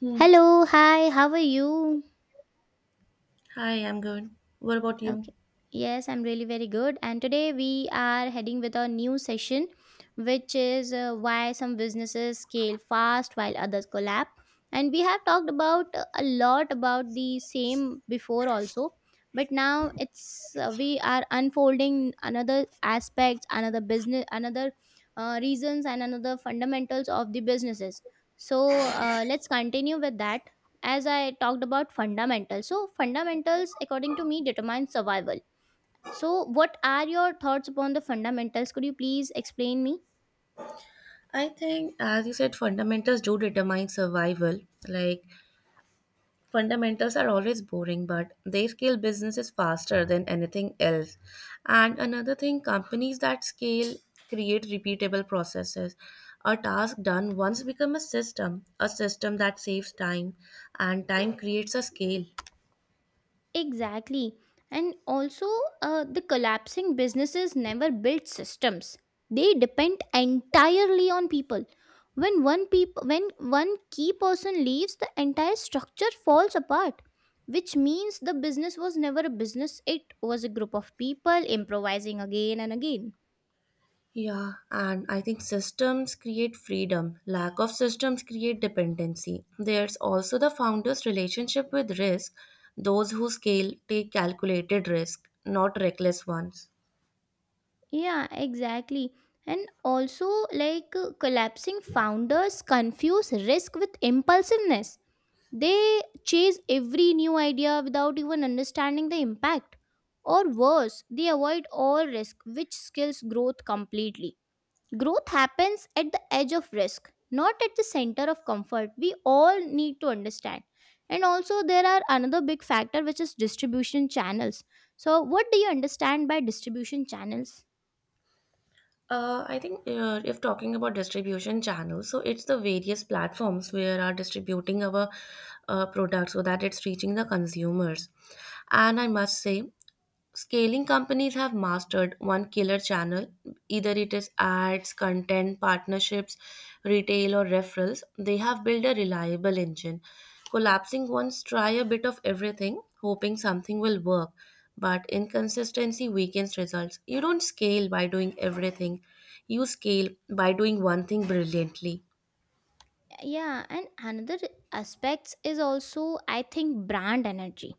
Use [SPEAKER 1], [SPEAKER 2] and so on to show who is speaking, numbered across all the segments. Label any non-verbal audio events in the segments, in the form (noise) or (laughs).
[SPEAKER 1] Hmm.
[SPEAKER 2] Hello, hi, how are you?
[SPEAKER 1] Hi, I'm good. What about you?
[SPEAKER 2] Okay. Yes, I'm really very good. And today we are heading with a new session, which is why some businesses scale fast while others collapse. And we have talked about a lot about the same before also, but now it's we are unfolding another aspects, another business, another reasons, and another fundamentals of the businesses. So let's continue with that. As I talked about fundamentals. So, fundamentals, according to me, determine survival. So, what are your thoughts upon the fundamentals? Could you please explain me?
[SPEAKER 1] I think, as you said, fundamentals do determine survival. Like, fundamentals are always boring, but they scale businesses faster than anything else. And another thing, companies that scale create repeatable processes. A task done once become a system that saves time, and time creates a scale.
[SPEAKER 2] Exactly. And also, the collapsing businesses never build systems. They depend entirely on people. When one key person leaves, the entire structure falls apart. Which means the business was never a business; it was a group of people improvising again and again.
[SPEAKER 1] Yeah, and I think systems create freedom. Lack of systems create dependency. There's also the founder's relationship with risk. Those who scale take calculated risk, not reckless ones.
[SPEAKER 2] Yeah, exactly. And also, collapsing founders confuse risk with impulsiveness. They chase every new idea without even understanding the impact. Or worse, they avoid all risk, which skills growth completely. Growth happens at the edge of risk, not at the center of comfort. We all need to understand. And also, there are another big factor which is distribution channels. So, what do you understand by distribution channels?
[SPEAKER 1] I think if talking about distribution channels, so it's the various platforms where are distributing our products so that it's reaching the consumers. And I must say, scaling companies have mastered one killer channel, either it is ads, content, partnerships, retail, or referrals. They have built a reliable engine. Collapsing once, try a bit of everything, hoping something will work. But inconsistency weakens results. You don't scale by doing everything, you scale by doing one thing brilliantly.
[SPEAKER 2] Yeah, and another aspects is also, I think, brand energy.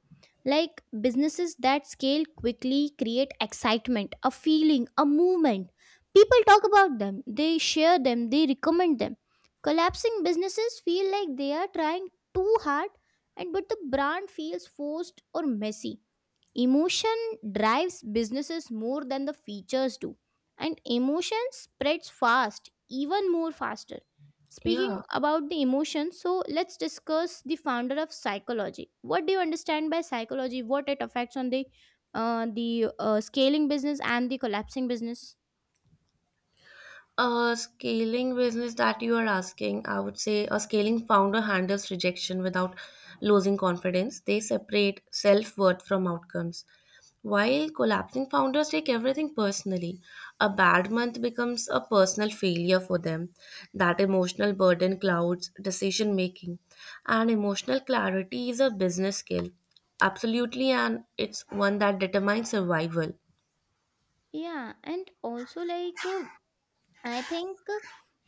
[SPEAKER 2] Like, businesses that scale quickly create excitement, a feeling, a movement. People talk about them, they share them, they recommend them. Collapsing businesses feel like they are trying too hard, and but the brand feels forced or messy. Emotion drives businesses more than the features do, and emotion spreads fast, even more faster. Speaking
[SPEAKER 1] Yeah.
[SPEAKER 2] about the emotion, so let's discuss the founder of psychology. What do you understand by psychology? What it affects on the scaling business and the collapsing business?
[SPEAKER 1] A scaling business that you are asking, I would say a scaling founder handles rejection without losing confidence. They separate self worth from outcomes. While collapsing founders take everything personally, a bad month becomes a personal failure for them. That emotional burden clouds decision making. And emotional clarity is a business skill. Absolutely, and it's one that determines survival.
[SPEAKER 2] Yeah, and also I think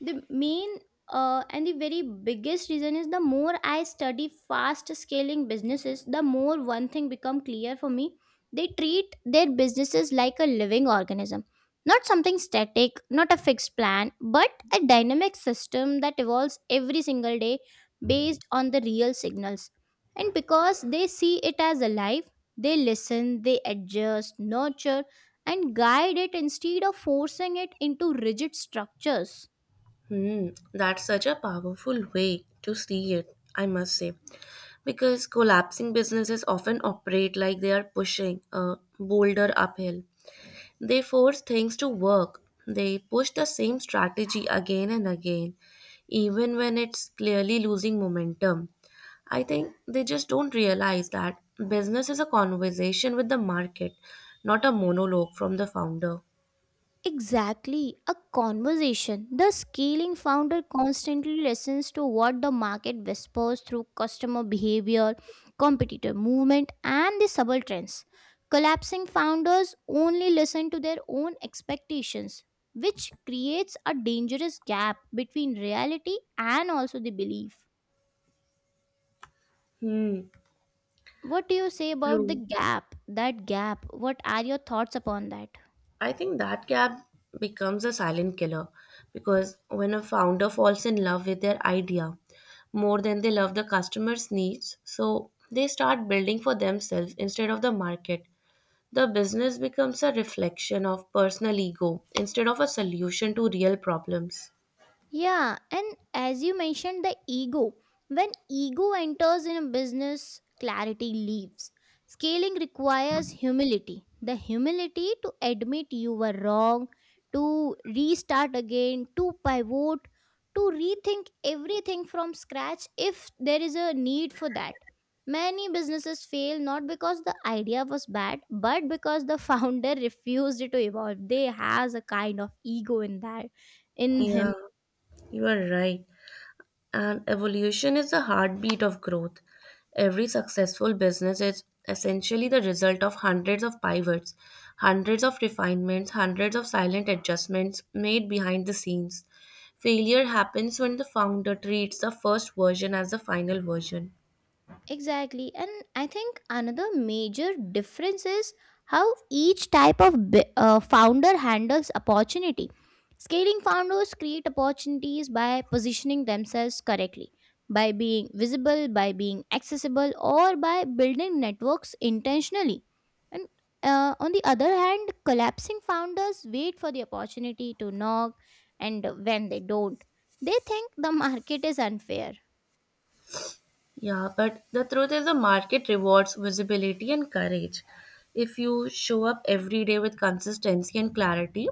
[SPEAKER 2] the main and the very biggest reason is, the more I study fast scaling businesses, the more one thing become clear for me. They treat their businesses like a living organism, not something static, not a fixed plan, but a dynamic system that evolves every single day based on the real signals. And because they see it as alive, they listen, they adjust, nurture, and guide it instead of forcing it into rigid structures.
[SPEAKER 1] Hmm, that's such a powerful way to see it, I must say. Because collapsing businesses often operate like they are pushing a boulder uphill. They force things to work. They push the same strategy again and again, even when it's clearly losing momentum. I think they just don't realize that business is a conversation with the market, not a monologue from the founder.
[SPEAKER 2] Exactly, a conversation. The scaling founder constantly listens to what the market whispers through customer behavior, competitor movement, and the subtle trends. Collapsing founders only listen to their own expectations, which creates a dangerous gap between reality and also the belief.
[SPEAKER 1] Hmm,
[SPEAKER 2] What do you say about the
[SPEAKER 1] true.
[SPEAKER 2] gap? That gap. What are your thoughts upon that?
[SPEAKER 1] I think that gap becomes a silent killer because when a founder falls in love with their idea more than they love the customer's needs, so they start building for themselves instead of the market. The business becomes a reflection of personal ego instead of a solution to real problems.
[SPEAKER 2] Yeah, and as you mentioned, the ego. When ego enters in a business, clarity leaves. Scaling requires humility, the humility to admit you were wrong, to restart again, to pivot, to rethink everything from scratch if there is a need for that. Many businesses fail not because the idea was bad, but because the founder (laughs) refused to evolve. They has a kind of ego in that, in
[SPEAKER 1] Yeah,
[SPEAKER 2] him.
[SPEAKER 1] you are right. And evolution is the heartbeat of growth. Every successful business is essentially the result of hundreds of pivots, hundreds of refinements, hundreds of silent adjustments made behind the scenes. Failure happens when the founder treats the first version as the final version.
[SPEAKER 2] Exactly. And I think another major difference is how each type of founder handles opportunity. Scaling founders create opportunities by positioning themselves correctly, by being visible, by being accessible, or by building networks intentionally. And on the other hand, collapsing founders wait for the opportunity to knock, and when they don't, they think the market is unfair.
[SPEAKER 1] Yeah, but the truth is the market rewards visibility and courage. If you show up every day with consistency and clarity,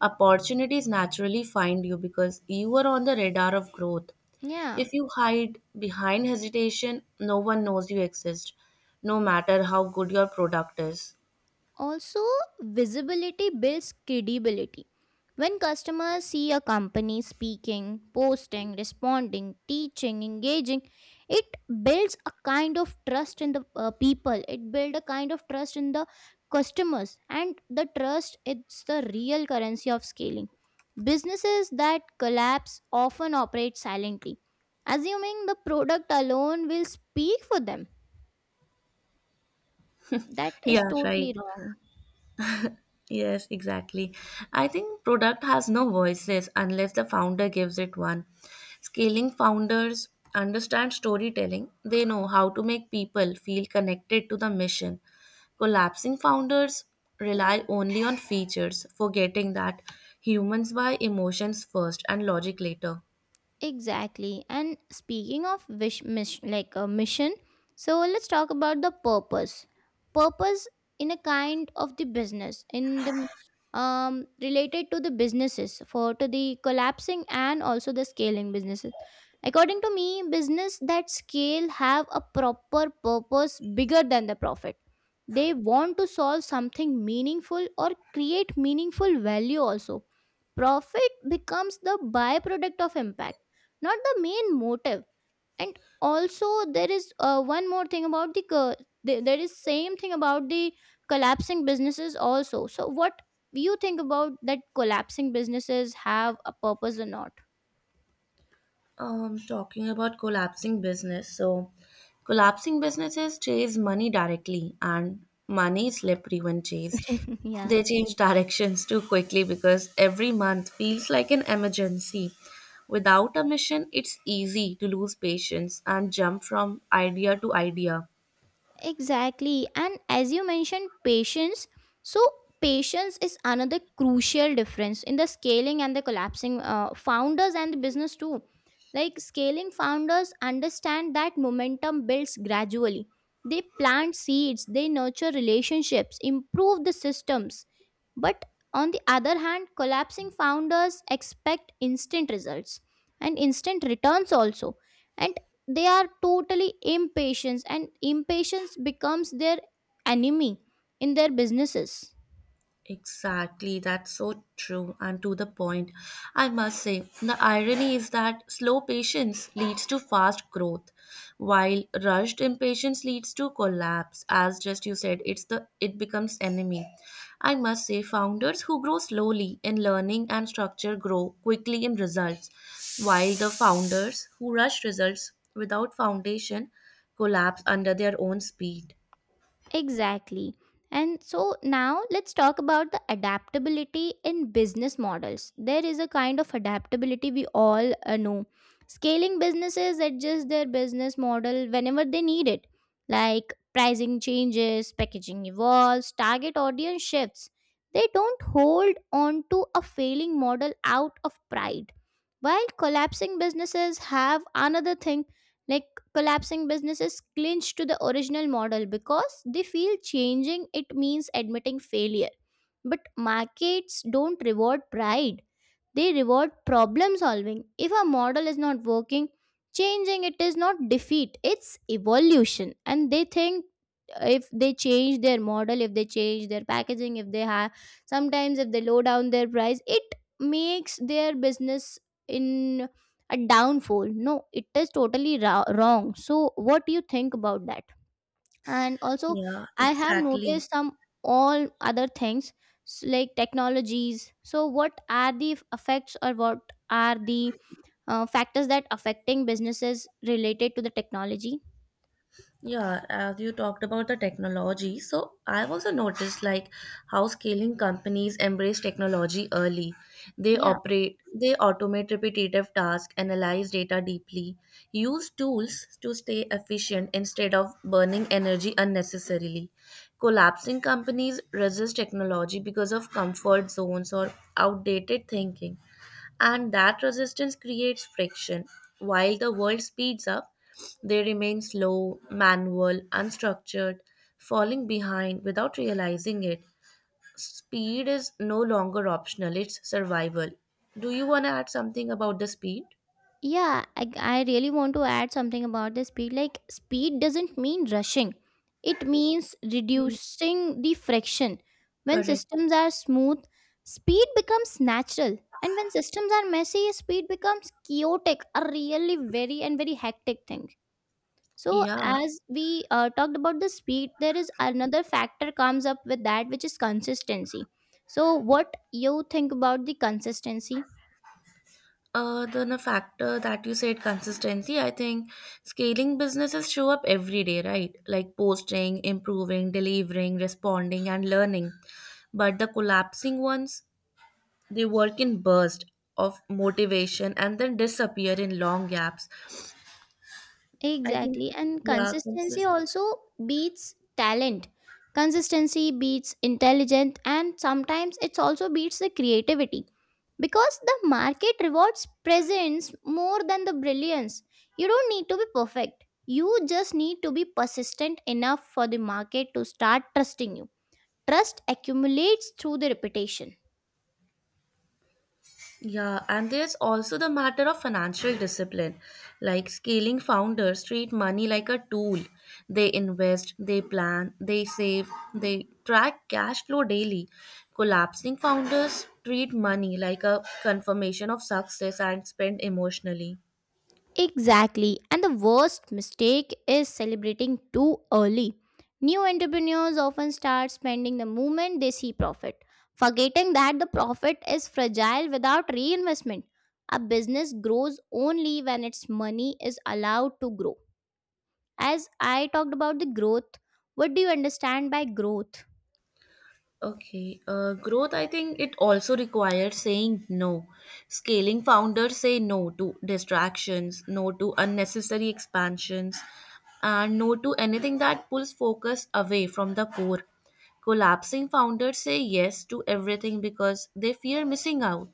[SPEAKER 1] opportunities naturally find you because you are on the radar of growth.
[SPEAKER 2] Yeah.
[SPEAKER 1] If you hide behind hesitation, no one knows you exist, no matter how good your product is.
[SPEAKER 2] Also, visibility builds credibility. When customers see a company speaking, posting, responding, teaching, engaging, it builds a kind of trust in the people. It builds a kind of trust in the customers, and the trust, it's the real currency of scaling. Businesses that collapse often operate silently, assuming the product alone will speak for them. That is
[SPEAKER 1] Yeah,
[SPEAKER 2] totally
[SPEAKER 1] right.
[SPEAKER 2] wrong.
[SPEAKER 1] Yes, exactly. I think product has no voices unless the founder gives it one. Scaling founders understand storytelling. They know how to make people feel connected to the mission. Collapsing founders rely only on features, forgetting that humans buy emotions first and logic later.
[SPEAKER 2] Exactly. And speaking of wish miss like a mission, so let's talk about the purpose. Purpose in a kind of the business in the related to the businesses for to the collapsing and also the scaling businesses. According to me, business that scale have a proper purpose bigger than the profit. They want to solve something meaningful or create meaningful value also. Profit becomes the byproduct of impact, not the main motive. And also, there is one more thing about the there is same thing about the collapsing businesses also. So what you think about that? Collapsing businesses have a purpose or not?
[SPEAKER 1] Talking about collapsing business. So, collapsing businesses chase money directly, and money is slippery when chased.
[SPEAKER 2] (laughs) Yeah.
[SPEAKER 1] They change (laughs) directions too quickly because every month feels like an emergency. Without a mission, it's easy to lose patience and jump from idea to idea.
[SPEAKER 2] Exactly. And as you mentioned, patience. So, patience is another crucial difference in the scaling and the collapsing founders and the business too. Like, scaling founders understand that momentum builds gradually. They plant seeds, they nurture relationships, improve the systems, but on the other hand, collapsing founders expect instant results and instant returns also. And they are totally impatient, and impatience becomes their enemy in their businesses.
[SPEAKER 1] Exactly, that's so true and to the point. I must say, the irony is that slow patience leads to fast growth, while rushed impatience leads to collapse. As just you said, it becomes enemy. I must say, founders who grow slowly in learning and structure grow quickly in results, while the founders who rush results without foundation collapse under their own speed.
[SPEAKER 2] Exactly. And so now let's talk about the adaptability in business models. There is a kind of adaptability we all know. Scaling businesses adjust their business model whenever they need it, like pricing changes, packaging evolves, target audience shifts. They don't hold on to a failing model out of pride. While collapsing businesses have another thing, like, collapsing businesses clinch to the original model because they feel changing it means admitting failure. But markets don't reward pride. They reward problem solving. If a model is not working, changing it is not defeat, it's evolution. And they think if they change their model, if they change their packaging, if they have sometimes if they low down their price, it makes their business in a downfall. No, it is totally wrong. So, what do you think about that? And also,
[SPEAKER 1] Yeah,
[SPEAKER 2] I have
[SPEAKER 1] exactly.
[SPEAKER 2] noticed some all other things like technologies. So what are the effects, or what are the factors that affecting businesses related to the technology?
[SPEAKER 1] Yeah, as you talked about the technology, so I've also noticed like how scaling companies embrace technology early. They
[SPEAKER 2] Yeah.
[SPEAKER 1] operate, they automate repetitive tasks, analyze data deeply, use tools to stay efficient instead of burning energy unnecessarily. Collapsing companies resist technology because of comfort zones or outdated thinking. And that resistance creates friction. While the world speeds up, they remain slow, manual, unstructured, falling behind without realizing it. Speed is no longer optional, it's survival. Do you want to add something about the speed?
[SPEAKER 2] Yeah, I really want to add something about the speed. Like, speed doesn't mean rushing, it means
[SPEAKER 1] Hmm.
[SPEAKER 2] reducing the friction. When
[SPEAKER 1] Correct.
[SPEAKER 2] systems are smooth, speed becomes natural. And when systems are messy, speed becomes chaotic, a really very and very hectic thing. So,
[SPEAKER 1] Yeah.
[SPEAKER 2] as we talked about the speed, there is another factor comes up with that, which is consistency. So, what you think about the consistency?
[SPEAKER 1] Then a factor that you said consistency, I think scaling businesses show up every day, right? Like posting, improving, delivering, responding, and learning. But the collapsing ones, they work in burst of motivation and then disappear in long gaps. I think,
[SPEAKER 2] Exactly. And
[SPEAKER 1] yeah,
[SPEAKER 2] consistency
[SPEAKER 1] consist.
[SPEAKER 2] also beats talent. Consistency beats intelligent, and sometimes it also beats the creativity, because the market rewards presence more than the brilliance. You don't need to be perfect. You just need to be persistent enough for the market to start trusting you. Trust accumulates through the repetition.
[SPEAKER 1] Yeah, and there's also the matter of financial discipline. Like scaling founders treat money like a tool. They invest, they plan, they save, they track cash flow daily. Collapsing founders treat money like a confirmation of success and spend emotionally.
[SPEAKER 2] Exactly. And the worst mistake is celebrating too early. New entrepreneurs often start spending the moment they see profit, forgetting that the profit is fragile without reinvestment. A business grows only when its money is allowed to grow. As I talked about the growth, what do you understand by growth?
[SPEAKER 1] Okay, growth, I think it also requires saying no. Scaling founders say no to distractions, no to unnecessary expansions, and no to anything that pulls focus away from the core. Collapsing founders say yes to everything because they fear missing out.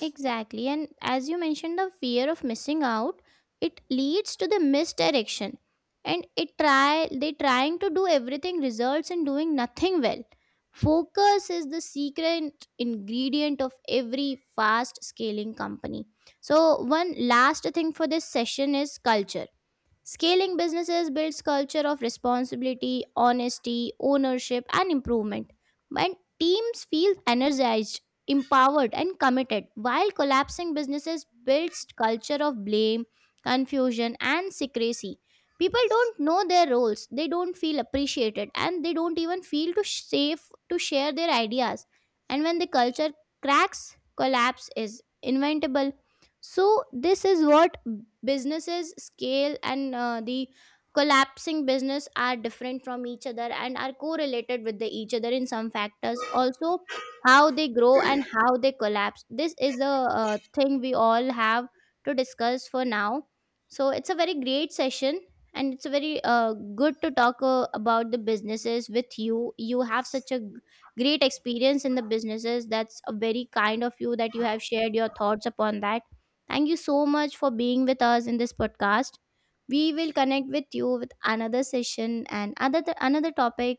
[SPEAKER 2] Exactly. And as you mentioned, the fear of missing out, it leads to the misdirection. And it try they trying to do everything results in doing nothing well. Focus is the secret ingredient of every fast scaling company. So one last thing for this session is culture. Scaling businesses builds culture of responsibility, honesty, ownership, and improvement. When teams feel energized, empowered, and committed, while collapsing businesses builds culture of blame, confusion, and secrecy. People don't know their roles, they don't feel appreciated, and they don't even feel to safe to share their ideas. And when the culture cracks, collapse is inventable. So this is what, businesses scale and the collapsing business are different from each other and are correlated with the each other in some factors also, how they grow and how they collapse. This is the thing we all have to discuss for now. So it's a very great session, and it's very good to talk about the businesses with you. You have such a great experience in the businesses. That's a very kind of you that you have shared your thoughts upon that. Thank you so much for being with us in this podcast. We will connect with you with another session and other another topic.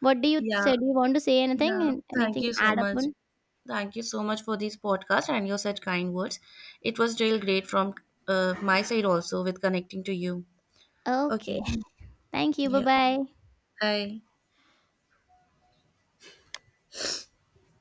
[SPEAKER 2] What do you
[SPEAKER 1] Yeah,
[SPEAKER 2] say? Do you want to say
[SPEAKER 1] yeah.
[SPEAKER 2] anything?
[SPEAKER 1] Thank
[SPEAKER 2] Anything
[SPEAKER 1] you so
[SPEAKER 2] add up
[SPEAKER 1] much.
[SPEAKER 2] on?
[SPEAKER 1] Thank you so much for this podcast and your such kind words. It was real great from my side also with connecting to you.
[SPEAKER 2] Okay.
[SPEAKER 1] Okay,
[SPEAKER 2] (laughs) Thank you. Bye
[SPEAKER 1] yeah.
[SPEAKER 2] bye.
[SPEAKER 1] 嗨，